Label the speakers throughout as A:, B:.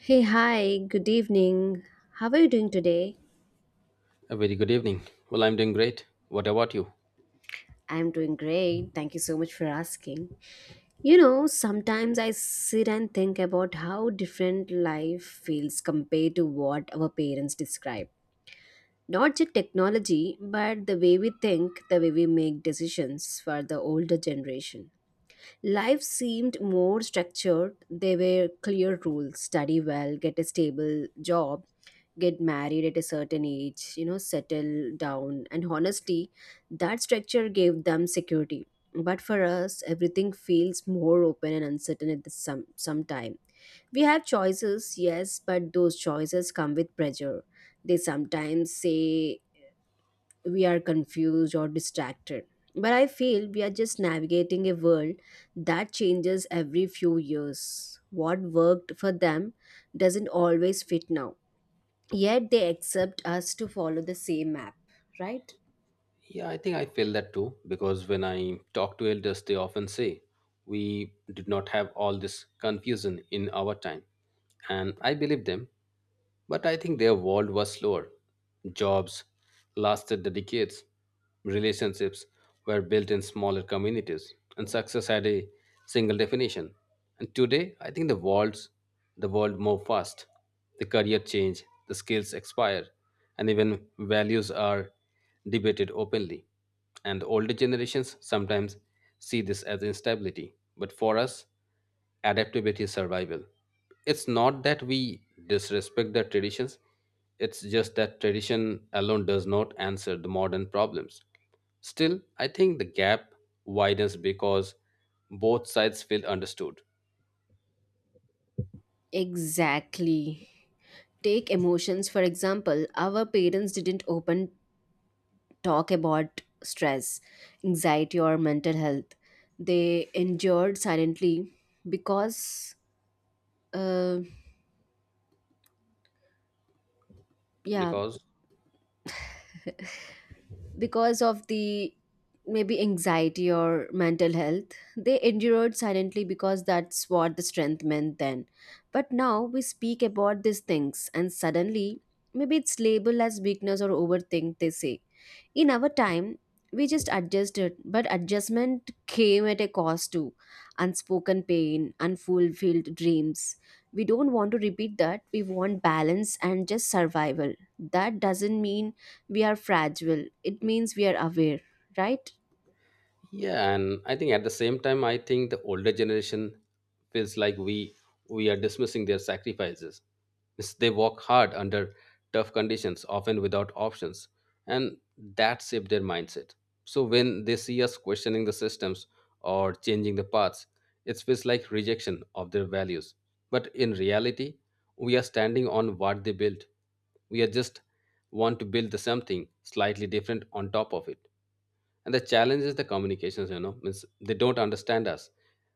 A: Hey, hi, good evening. How are you doing today?
B: A very good evening. Well, I'm doing great. What about you?
A: I'm doing great. Thank you so much for asking. You know, sometimes I sit and think about how different life feels compared to what our parents describe. Not just technology, but the way we think, the way we make decisions for the older generation. Life seemed more structured. There were clear rules study well, get a stable job, get married at a certain age, you know, settle down. And honestly, that structure gave them security. But for us, everything feels more open and uncertain at the some time. We have choices, yes, but those choices come with pressure. They sometimes say we are confused or distracted. But I feel we are just navigating a world that changes every few years. What worked for them doesn't always fit now. Yet they accept us to follow the same map, right?
B: Yeah, I think I feel that too because when I talk to elders, they often say we did not have all this confusion in our time. And I believe them, but I think their world was slower. Jobs lasted the decades, relationships were built in smaller communities, and success had a single definition. And today, I think the world move fast. The career change, the skills expire, and even values are debated openly. And the older generations sometimes see this as instability. But for us, adaptability is survival. It's not that we disrespect the traditions, it's just that tradition alone does not answer the modern problems. Still, I think the gap widens because both sides feel understood.
A: Exactly. Take emotions, for example, our parents didn't open talk about stress, anxiety, or mental health. They endured silently because, uh, yeah,
B: Because
A: because of the maybe anxiety or mental health they endured silently because that's what the strength meant then. But now we speak about these things and suddenly maybe it's labeled as weakness or overthink they say. In our time, we just adjusted, but adjustment came at a cost too. Unspoken pain, unfulfilled dreams. We don't want to repeat that. We want balance and just survival. That doesn't mean we are fragile, it means we are aware, right?
B: Yeah, and I think at the same time, I think the older generation feels like we are dismissing their sacrifices. They work hard under tough conditions, often without options, and that shaped their mindset. So when they see us questioning the systems or changing the paths, it feels like rejection of their values. But in reality, we are standing on what they built. We are just want to build the something slightly different on top of it. And the challenge is the communications, means they don't understand us.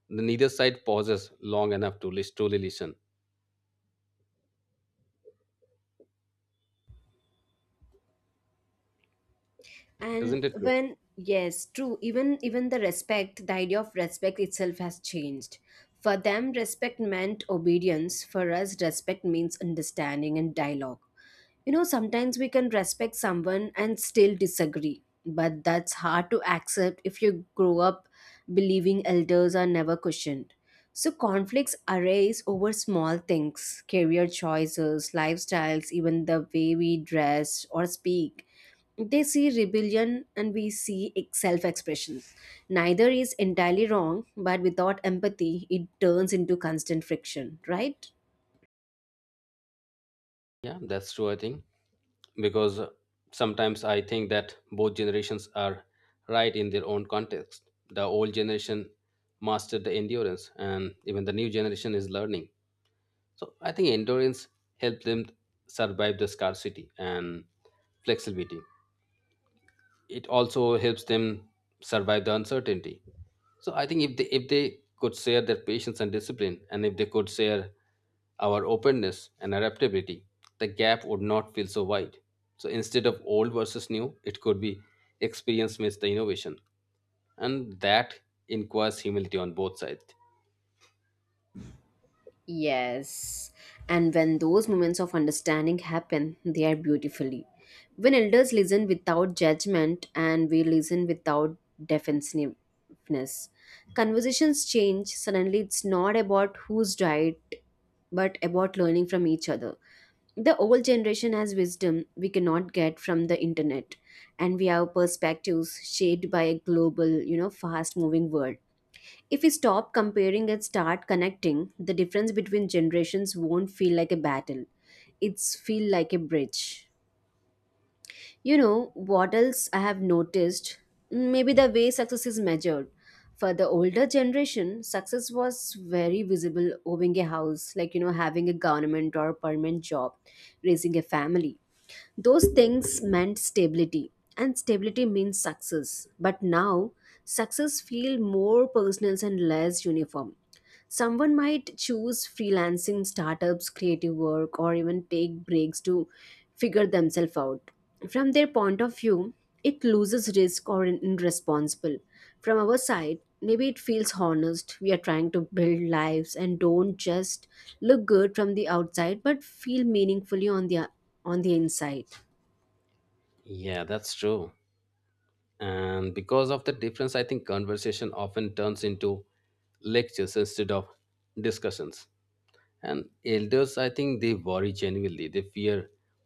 B: The Neither side pauses long enough to truly listen.
A: And
B: Isn't it true?
A: when yes, true, even the respect, the idea of respect itself has changed. For them, respect meant obedience. For us, respect means understanding and dialogue. You know, sometimes we can respect someone and still disagree, but that's hard to accept if you grow up believing elders are never questioned. So, conflicts arise over small things career choices, lifestyles, even the way we dress or speak. They see rebellion and we see self expression. Neither is entirely wrong, but without empathy, it turns into constant friction, right?
B: Yeah, that's true, I think. Because sometimes I think that both generations are right in their own context. The old generation mastered the endurance, and even the new generation is learning. So I think endurance helped them survive the scarcity and flexibility. It also helps them survive the uncertainty. So I think if they could share their patience and discipline, and if they could share our openness and adaptability, the gap would not feel so wide. So instead of old versus new, it could be experience meets the innovation, and that inquires humility on both sides.
A: Yes. And when those moments of understanding happen, they are beautifully. When elders listen without judgment and we listen without defensiveness, conversations change. Suddenly, it's not about who's right, but about learning from each other. The old generation has wisdom we cannot get from the internet, and we have perspectives shaped by a global, you know, fast moving world. If we stop comparing and start connecting, the difference between generations won't feel like a battle. It's feel like a bridge. You know, what else I have noticed? Maybe the way success is measured. For the older generation, success was very visible owning a house, like, you know, having a government or permanent job, raising a family. Those things meant stability, and stability means success. But now, success feel more personal and less uniform. Someone might choose freelancing, startups, creative work, or even take breaks to figure themselves out. From their point of view, it loses risk or in- irresponsible. From our side, maybe it feels honest. We are trying to build lives and don't just look good from the outside, but feel meaningfully on the inside.
B: Yeah, that's true. And because of the difference, I think conversation often turns into lectures instead of discussions. And elders, I think they worry genuinely. They fear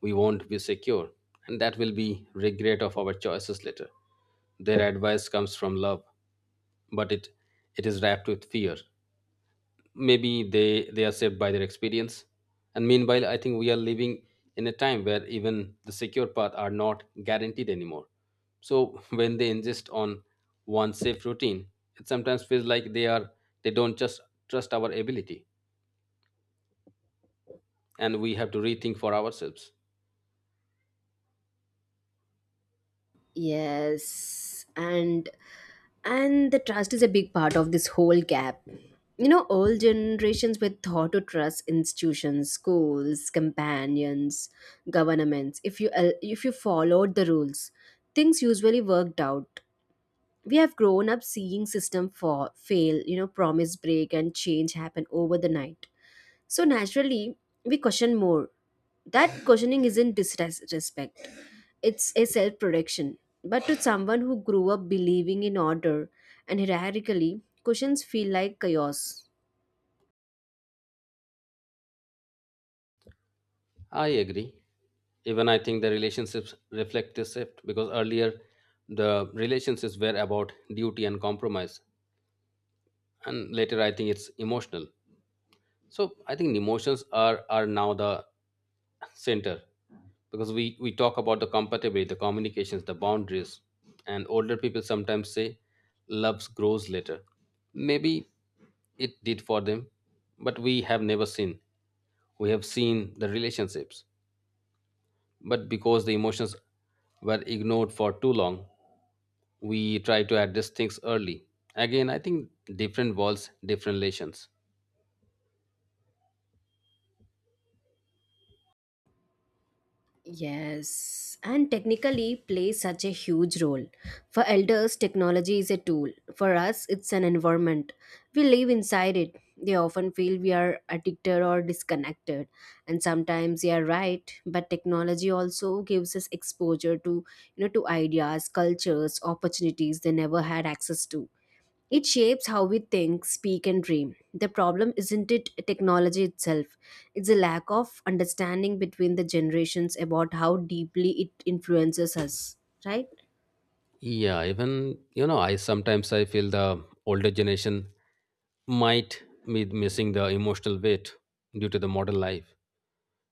B: we won't be secure and that will be regret of our choices later. Their advice comes from love, but it is wrapped with fear. Maybe they are saved by their experience. And meanwhile, I think we are living in a time where even the secure path are not guaranteed anymore. So when they insist on one safe routine, it sometimes feels like they don't just trust our ability. And we have to rethink for ourselves.
A: Yes, and and the trust is a big part of this whole gap. You know, all generations were taught to trust institutions, schools, companions, governments. If you followed the rules, things usually worked out. We have grown up seeing system for fail, you know, promise break and change happen over the night. So naturally, we question more. That questioning isn't disrespect. It's a self protection. But to someone who grew up believing in order and hierarchically, cushions feel like chaos.
B: I agree. Even I think the relationships reflect this shift because earlier the relationships were about duty and compromise, and later I think it's emotional. So I think emotions are now the center, because we talk about the compatibility, the communications, the boundaries. And older people sometimes say love grows later. Maybe it did for them, but we have never seen. We have seen the relationships, but because the emotions were ignored for too long, we try to address things early. Again, I think different walls, different relations.
A: Yes, and technically plays such a huge role. For elders, technology is a tool. For us, it's an environment. We live inside it. They often feel we are addicted or disconnected. And sometimes they are right, but technology also gives us exposure to, you know, to ideas, cultures, opportunities they never had access to. It shapes how we think, speak, and dream. The problem isn't it technology itself, it's a lack of understanding between the generations about how deeply it influences us, right?
B: Yeah, even I sometimes I feel the older generation might be missing the emotional weight due to the modern life.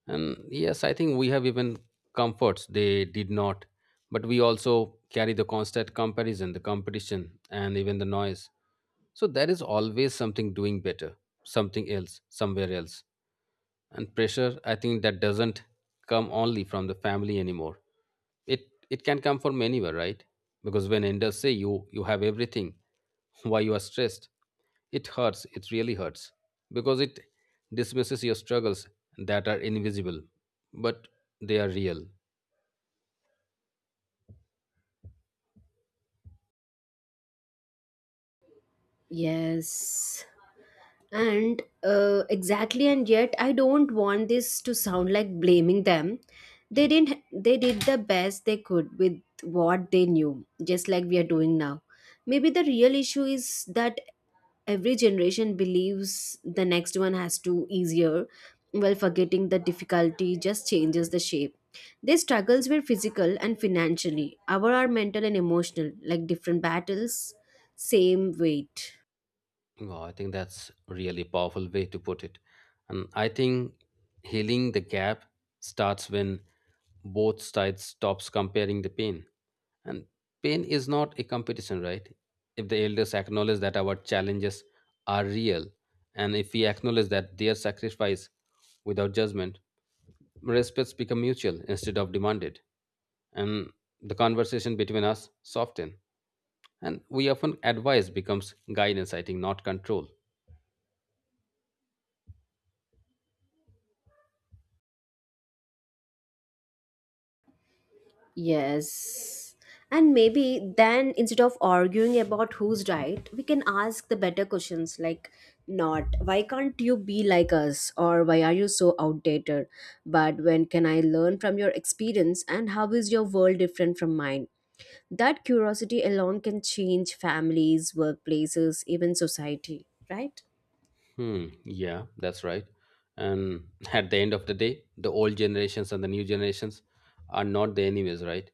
B: And yes, I think we have even comforts they did not, but we also carry the constant comparison, the competition, and even the noise. So there is always something doing better, something else, somewhere else. And pressure, I think that doesn't come only from the family anymore. It it can come from anywhere, right? Because when elders say you have everything, why you are stressed, it hurts. It really hurts because it dismisses your struggles that are invisible, but they are real.
A: Yes. And exactly, and yet I don't want this to sound like blaming them. They didn't. They did the best they could with what they knew, just like we are doing now. Maybe the real issue is that every generation believes the next one has to easier while forgetting the difficulty just changes the shape. Their struggles were physical and financially our are mental and emotional like different battles same weight.
B: Wow, I think that's really powerful way to put it. And I think healing the gap starts when both sides stops comparing the pain. And pain is not a competition, right? If the elders acknowledge that our challenges are real, and if we acknowledge that their sacrifice without judgment, respects become mutual instead of demanded. And the conversation between us soften. And we often advise becomes guidance, I think, not control.
A: Yes. And maybe then instead of arguing about who's right, we can ask the better questions like not why can't you be like us or why are you so outdated? But when can I learn from your experience and how is your world different from mine? That curiosity alone can change families, workplaces, even society, right?
B: Hmm, yeah, that's right. And at the end of the day, the old generations and the new generations are not the enemies, right?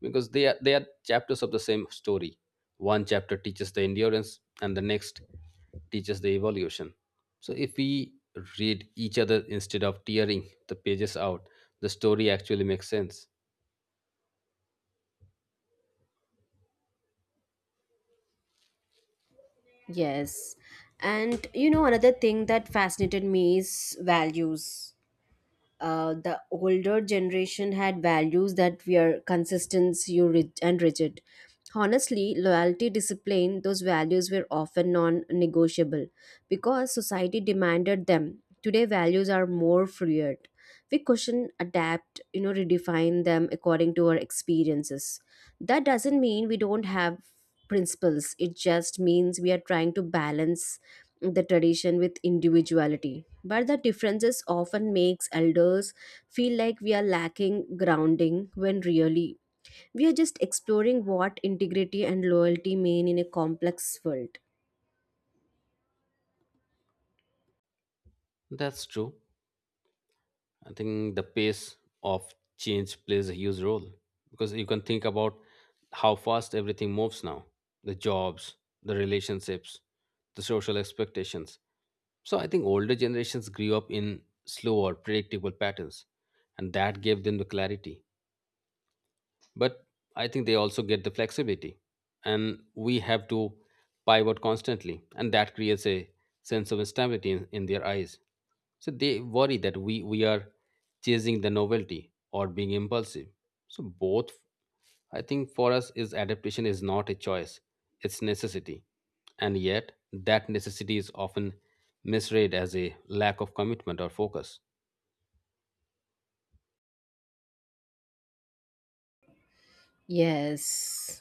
B: Because they are chapters of the same story. One chapter teaches the endurance, and the next teaches the evolution. So if we read each other instead of tearing the pages out, the story actually makes sense.
A: Yes. And you know, another thing that fascinated me is values. The older generation had values that were consistent you and rigid. Honestly, loyalty, discipline, those values were often non negotiable because society demanded them. Today, values are more fluid. We question, adapt, you know, redefine them according to our experiences. That doesn't mean we don't have principles, it just means we are trying to balance the tradition with individuality but the differences often makes elders feel like we are lacking grounding when really we are just exploring what integrity and loyalty mean in a complex world.
B: That's true. I think the pace of change plays a huge role because you can think about how fast everything moves now, the jobs, the relationships, the social expectations. So I think older generations grew up in slower, predictable patterns, and that gave them the clarity, but I think they also get the flexibility, and we have to pivot constantly, and that creates a sense of instability in their eyes. So they worry that we are chasing the novelty or being impulsive. So both, I think, for us is adaptation is not a choice, it's necessity. And yet that necessity is often misread as a lack of commitment or focus.
A: Yes.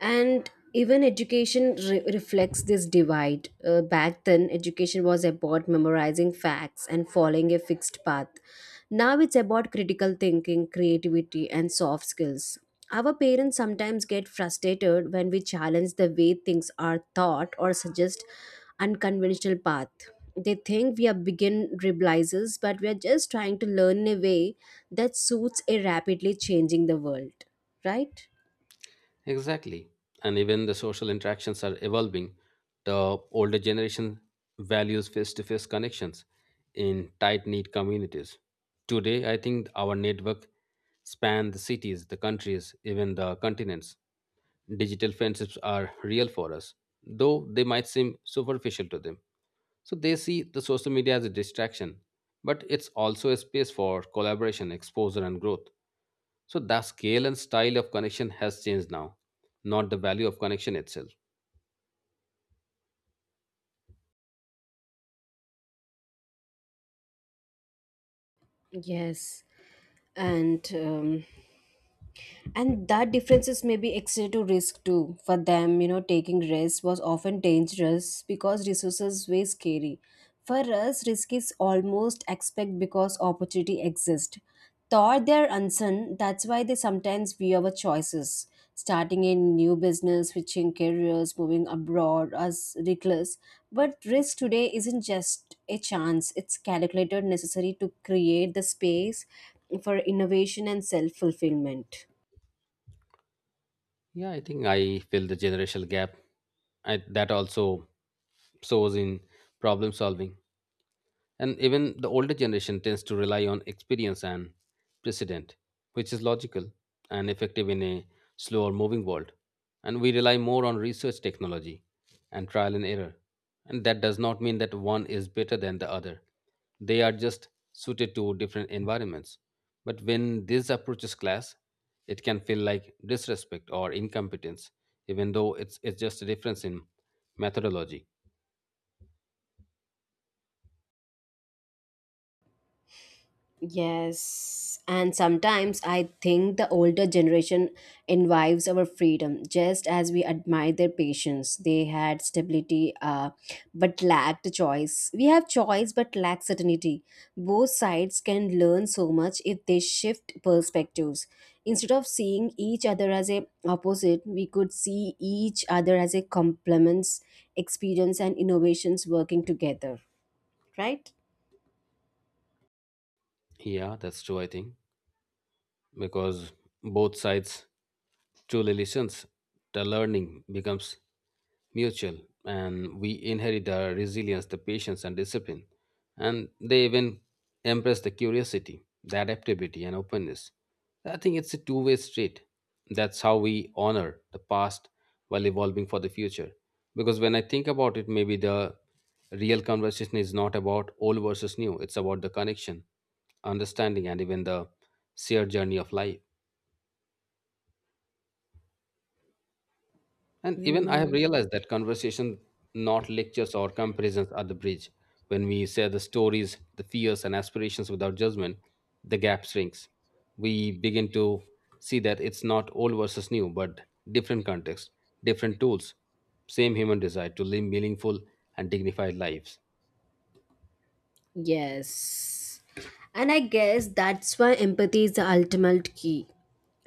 A: And even education reflects this divide. Back then education was about memorizing facts and following a fixed path. Now it's about critical thinking creativity and soft skills. Our parents sometimes get frustrated when we challenge the way things are taught or suggest unconventional path. They think we are begin realizers but we are just trying to learn in a way that suits a rapidly changing the world, right?
B: Exactly. And even the social interactions are evolving. The older generation values face to face connections in tight knit communities. Today, I think our network span the cities, the countries, even the continents. Digital friendships are real for us, though they might seem superficial to them. So they see the social media as a distraction, but it's also a space for collaboration, exposure, and growth. So the scale and style of connection has changed now, not the value of connection itself.
A: Yes and um, and that differences may be extra to risk too for them. You know taking risks was often dangerous because resources were scary. For us risk is almost expect because opportunity exists thought they're uncertain. That's why they sometimes view our choices starting a new business switching careers moving abroad as reckless. But risk today isn't just a chance it's calculated necessary to create the space for innovation and self-fulfillment.
B: Yeah, I think I feel the generational gap. That also shows in problem solving. And even the older generation tends to rely on experience and precedent, which is logical and effective in a slower moving world. And we rely more on research technology and trial and error. And that does not mean that one is better than the other. They are just suited to different environments. But when these approaches clash, it can feel like disrespect or incompetence, even though it's just a difference in methodology.
A: Yes, and sometimes I think the older generation envies our freedom just as we admire their patience. They had stability but lacked choice. We have choice but lack certainty. Both sides can learn so much if they shift perspectives. Instead of seeing each other as a opposite, we could see each other as a complements, experience and innovations working together, right?
B: Yeah, that's true, I think. Because both sides truly listens, the learning becomes mutual, and we inherit the resilience, the patience, and discipline. And they even embrace the curiosity, the adaptability, and openness. I think it's a two-way street. That's how we honor the past while evolving for the future. Because when I think about it, maybe the real conversation is not about old versus new. It's about the connection, understanding, and even the shared journey of life. And even I have realized that conversation, not lectures or comparisons, are the bridge. When we share the stories, the fears, and aspirations without judgment, the gap shrinks. We begin to see that it's not old versus new, but different contexts, different tools, same human desire to live meaningful and dignified lives.
A: Yes. And I guess that's why empathy is the ultimate key.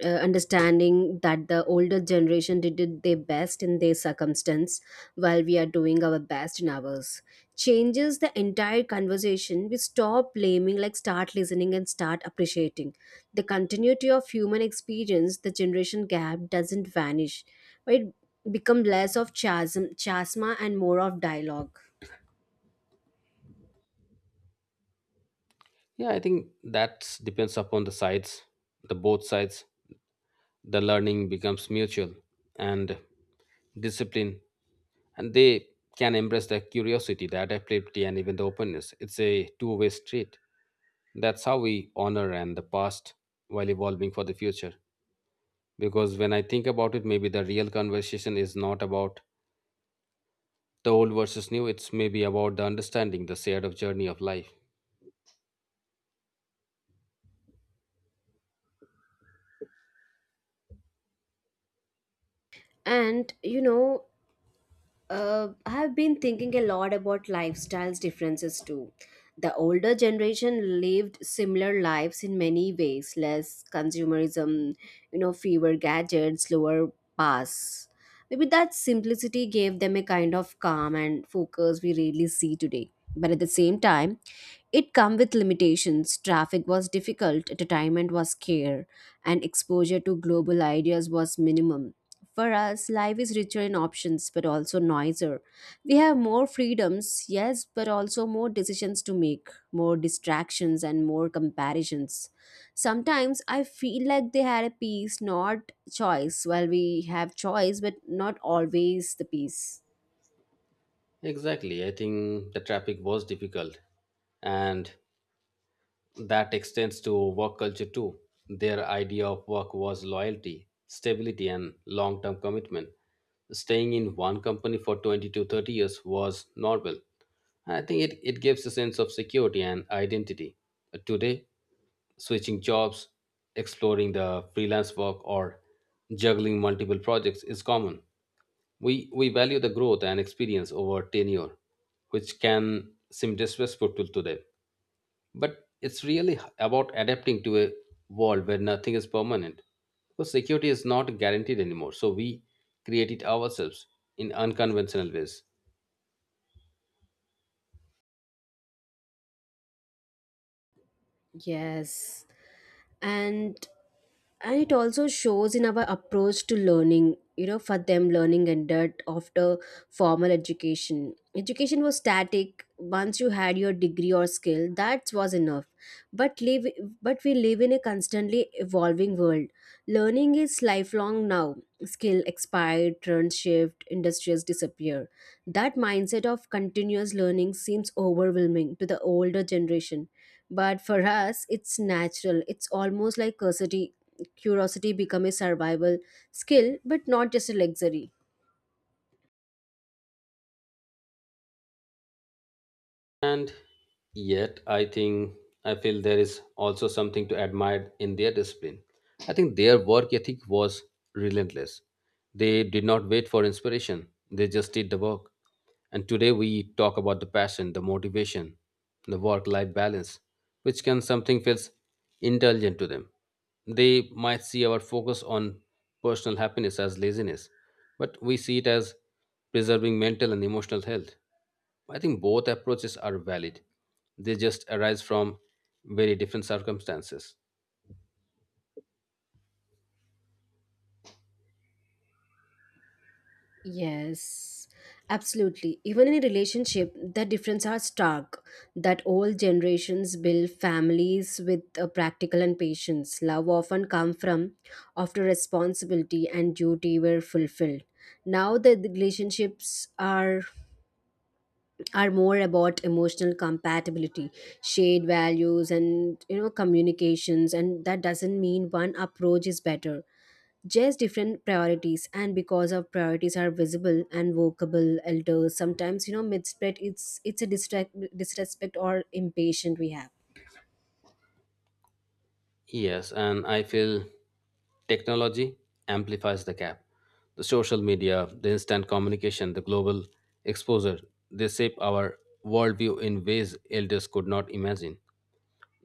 A: Understanding that the older generation did it their best in their circumstance while we are doing our best in ours changes the entire conversation. We stop blaming, like start listening and start appreciating. The continuity of human experience, the generation gap doesn't vanish, but it become less of chasm, chasma and more of dialogue.
B: Yeah, I think that depends upon the sides, the both sides. The learning becomes mutual, and discipline and they can embrace the curiosity, the adaptability, and even the openness. It's a two-way street. That's how we honor and the past while evolving for the future. Because when I think about it, maybe the real conversation is not about the old versus new. It's maybe about the understanding the shared of journey of life.
A: And you know, I've been thinking a lot about lifestyles differences too. The older generation lived similar lives in many ways, less consumerism, you know, fewer gadgets, lower pass. Maybe that simplicity gave them a kind of calm and focus we rarely see today. But at the same time, it come with limitations. Traffic was difficult, entertainment was scarce, and exposure to global ideas was minimum. For us, life is richer in options but also noisier. We have more freedoms, yes, but also more decisions to make, more distractions, and more comparisons. Sometimes I feel like they had a peace, not choice, while we have choice, but not always the peace.
B: Exactly. I think the traffic was difficult, and that extends to work culture too. Their idea of work was loyalty, stability, and long term commitment. Staying in one company for 20 to 30 years was normal. I think it gives a sense of security and identity. Today, switching jobs, exploring the freelance work, or juggling multiple projects is common. We value the growth and experience over tenure, which can seem disrespectful to today. But it's really about adapting to a world where nothing is permanent. Because security is not guaranteed anymore, so we create it ourselves in unconventional ways.
A: Yes. And and it also shows in our approach to learning. You know for them learning ended after formal education education was static once you had your degree or skill that was enough. But live but we live in a constantly evolving world. Learning is lifelong now. Skill expired trends shift industries disappear. That mindset of continuous learning seems overwhelming to the older generation but for us it's natural it's almost like curiosity. Curiosity become a survival skill, but not just a luxury.
B: And yet, I think I feel there is also something to admire in their discipline. I think their work ethic was relentless. They did not wait for inspiration, they just did the work. And today we talk about the passion, the motivation, the work life balance, which can something feels indulgent to them. They might see our focus on personal happiness as laziness, but we see it as preserving mental and emotional health. I think both approaches are valid. They just arise from very different circumstances.
A: Yes, absolutely. Even in a relationship, the differences are stark. That old generations build families with practical and patience. Love often come from after responsibility and duty were fulfilled. Now the relationships are more about emotional compatibility, shared values, and you know communications. And that doesn't mean one approach is better. Just different priorities and because our priorities are visible and workable elders sometimes you know mid spread it's a distract disrespect or impatient we have.
B: Yes, and I feel technology amplifies the gap. The social media, the instant communication, the global exposure, they shape our worldview in ways elders could not imagine.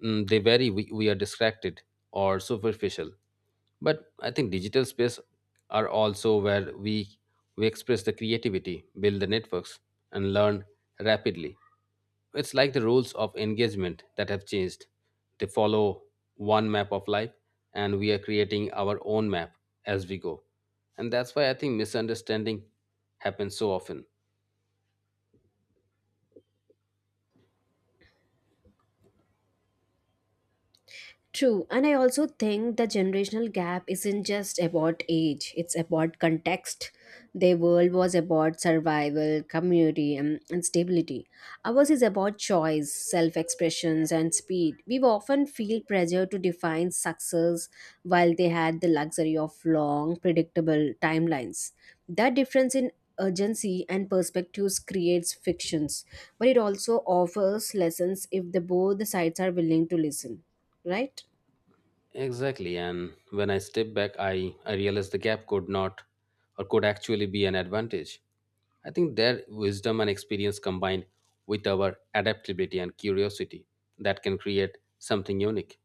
B: They vary. We are distracted or superficial. But I think digital space are also where we express the creativity, build the networks, and learn rapidly. It's like the rules of engagement that have changed. They follow one map of life, and we are creating our own map as we go. And that's why I think misunderstanding happens so often.
A: True, and I also think the generational gap isn't just about age, it's about context. Their world was about survival, community, and stability. Ours is about choice, self expressions, and speed. We often feel pressure to define success while they had the luxury of long, predictable timelines. That difference in urgency and perspectives creates fictions, but it also offers lessons if the both the sides are willing to listen, right.
B: Exactly. And when I step back, I realized the gap could not or could actually be an advantage. I think their wisdom and experience combined with our adaptability and curiosity, that can create something unique.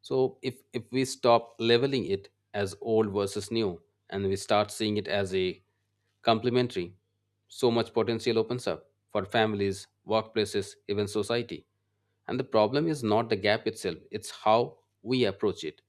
B: So if we stop leveling it as old versus new and we start seeing it as a complementary, so much potential opens up for families, workplaces, even society, and the problem is not the gap itself, it's how we approach it.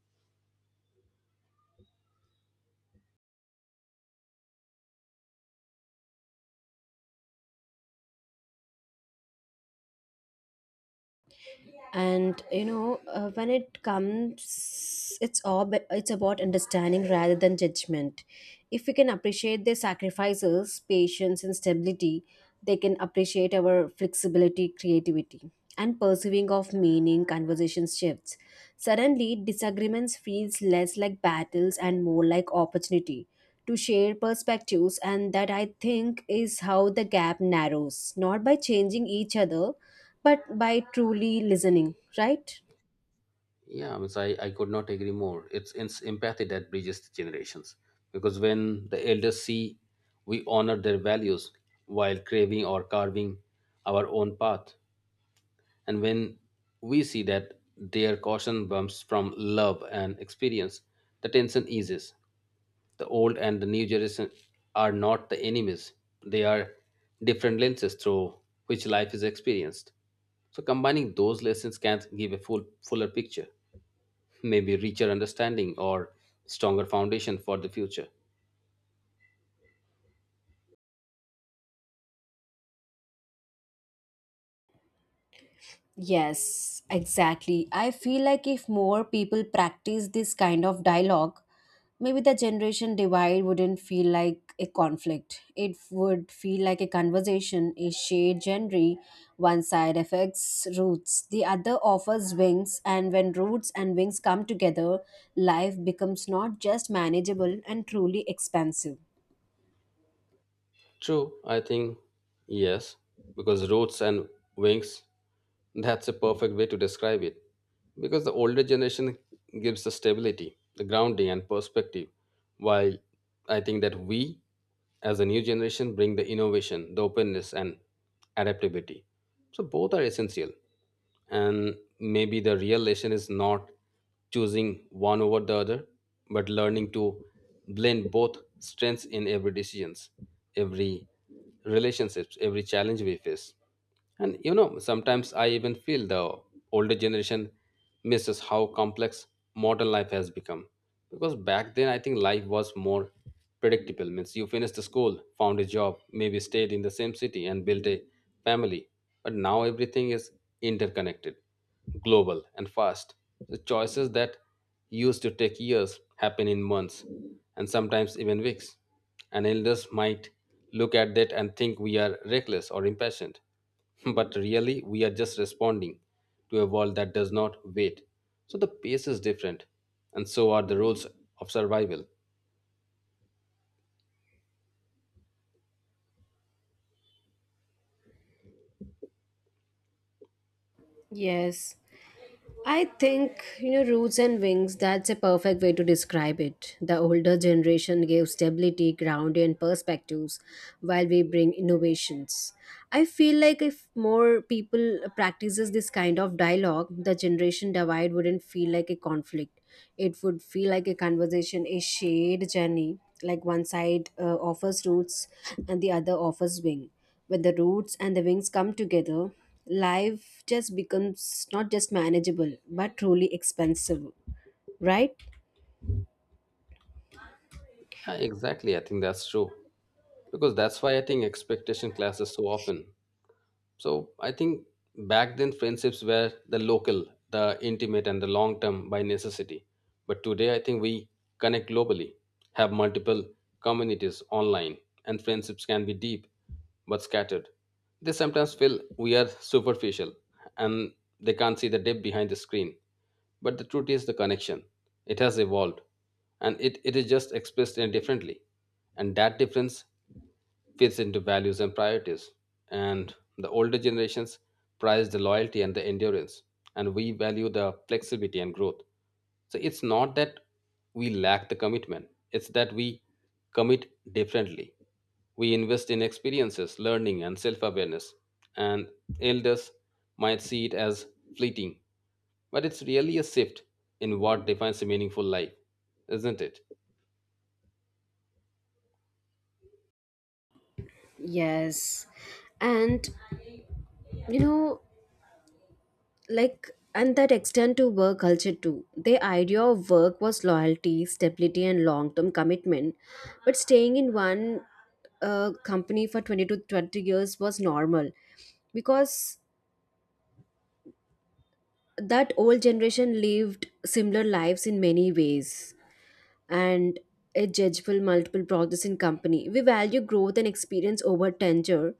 A: and you know When it comes it's all but it's about understanding rather than judgment. If we can appreciate their sacrifices, patience and stability, they can appreciate our flexibility, creativity and pursuing of meaning. Conversation shifts, suddenly disagreements feels less like battles and more like opportunity to share perspectives. And that, I think, is how the gap narrows, not by changing each other but by truly listening, right?
B: Yeah, I mean, I could not agree more. It's empathy that bridges the generations, because when the elders see we honor their values while craving or carving our own path, and when we see that their caution bumps from love and experience, the tension eases. The old and the new generation are not the enemies, they are different lenses through which life is experienced. So, combining those lessons can give a full, fuller picture, maybe richer understanding or stronger foundation for the future.
A: Yes, exactly. I feel like if more people practice this kind of dialogue, maybe the generation divide wouldn't feel like a conflict. It would feel like a conversation, a shared genre. One side affects roots, the other offers wings, and when roots and wings come together, life becomes not just manageable and truly expansive.
B: True, I think yes, because roots and wings, that's a perfect way to describe it. Because the older generation gives the stability, the grounding, and perspective, while I think that we, as a new generation, bring the innovation, the openness, and adaptability. So both are essential, and maybe the real lesson is not choosing one over the other, but learning to blend both strengths in every decisions, every relationships, every challenge we face. And you know, sometimes I even feel the older generation misses how complex modern life has become. Because back then, I think life was more predictable. Means you finished the school, found a job, maybe stayed in the same city and built a family. But now everything is interconnected, global, and fast. The choices that used to take years happen in months and sometimes even weeks. And elders might look at that and think we are reckless or impatient. But really, we are just responding to a world that does not wait. So the pace is different, and so are the rules of survival.
A: Yes. I think, roots and wings, that's a perfect way to describe it. The older generation gave stability, ground, and perspectives while we bring innovations. I feel like if more people practices this kind of dialogue, the generation divide wouldn't feel like a conflict. It would feel like a conversation, a shared journey, like one side offers roots and the other offers wing. When the roots and the wings come together, life just becomes not just manageable, but truly expensive, right?
B: Yeah, exactly. I think that's true. Because that's why I think expectation classes so often. So I think back then friendships were the local, the intimate, and the long term by necessity. But today I think we connect globally, have multiple communities online, and friendships can be deep but scattered. They sometimes feel we are superficial, and they can't see the depth behind the screen. But the truth is the connection. It has evolved, and it is just expressed in differently. And that difference fits into values and priorities. And the older generations prize the loyalty and the endurance, and we value the flexibility and growth. So it's not that we lack the commitment, it's that we commit differently. We invest in experiences, learning, and self awareness. And elders might see it as fleeting, but it's really a shift in what defines a meaningful life, isn't it?
A: Yes. And you know, like and that extend to work culture too. The idea of work was loyalty, stability and long-term commitment. But staying in one company for 20 to 20 years was normal, because that old generation lived similar lives in many ways, and a judgeful multiple progress in company. We value growth and experience over tenure,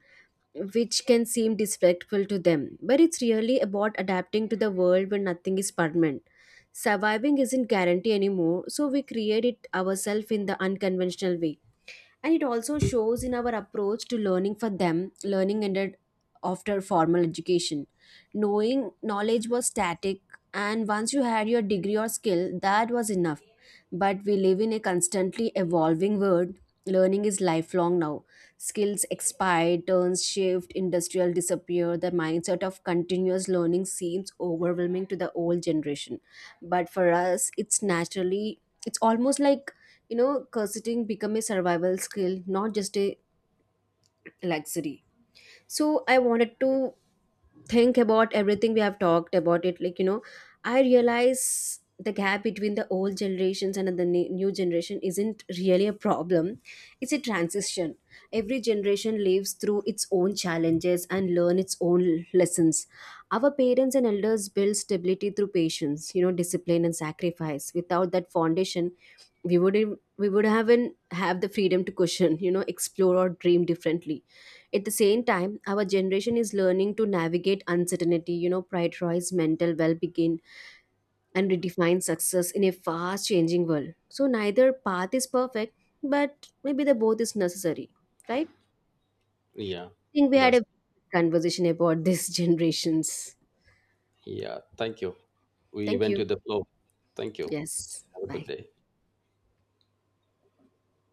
A: which can seem disrespectful to them. But it's really about adapting to the world where nothing is permanent. Surviving isn't guaranteed anymore, so we create it ourselves in the unconventional way. And it also shows in our approach to learning. For them, learning ended after formal education, knowing knowledge was static, and once you had your degree or skill that was enough. But we live in a constantly evolving world. Learning is lifelong now. Skills expire, turns shift, industrial disappear. The mindset of continuous learning seems overwhelming to the old generation, but for us it's naturally. It's almost like curseting become a survival skill, not just a luxury. So I wanted to think about everything we have talked about it like you know I realize the gap between the old generations and the new generation isn't really a problem, it's a transition. Every generation lives through its own challenges and learn its own lessons. Our parents and elders build stability through patience, discipline and sacrifice. Without that foundation, we would haven't have the freedom to question, explore or dream differently. At the same time, our generation is learning to navigate uncertainty, prioritize mental well-being and redefine success in a fast changing world. So neither path is perfect, but maybe the both is necessary, right? I
B: Yeah,
A: think we had
B: that's
A: a conversation about these generations.
B: Yeah, thank you. We
A: Thank
B: went
A: you.
B: with the flow. Thank you.
A: Yes.
B: Have a good
A: Bye.
B: day.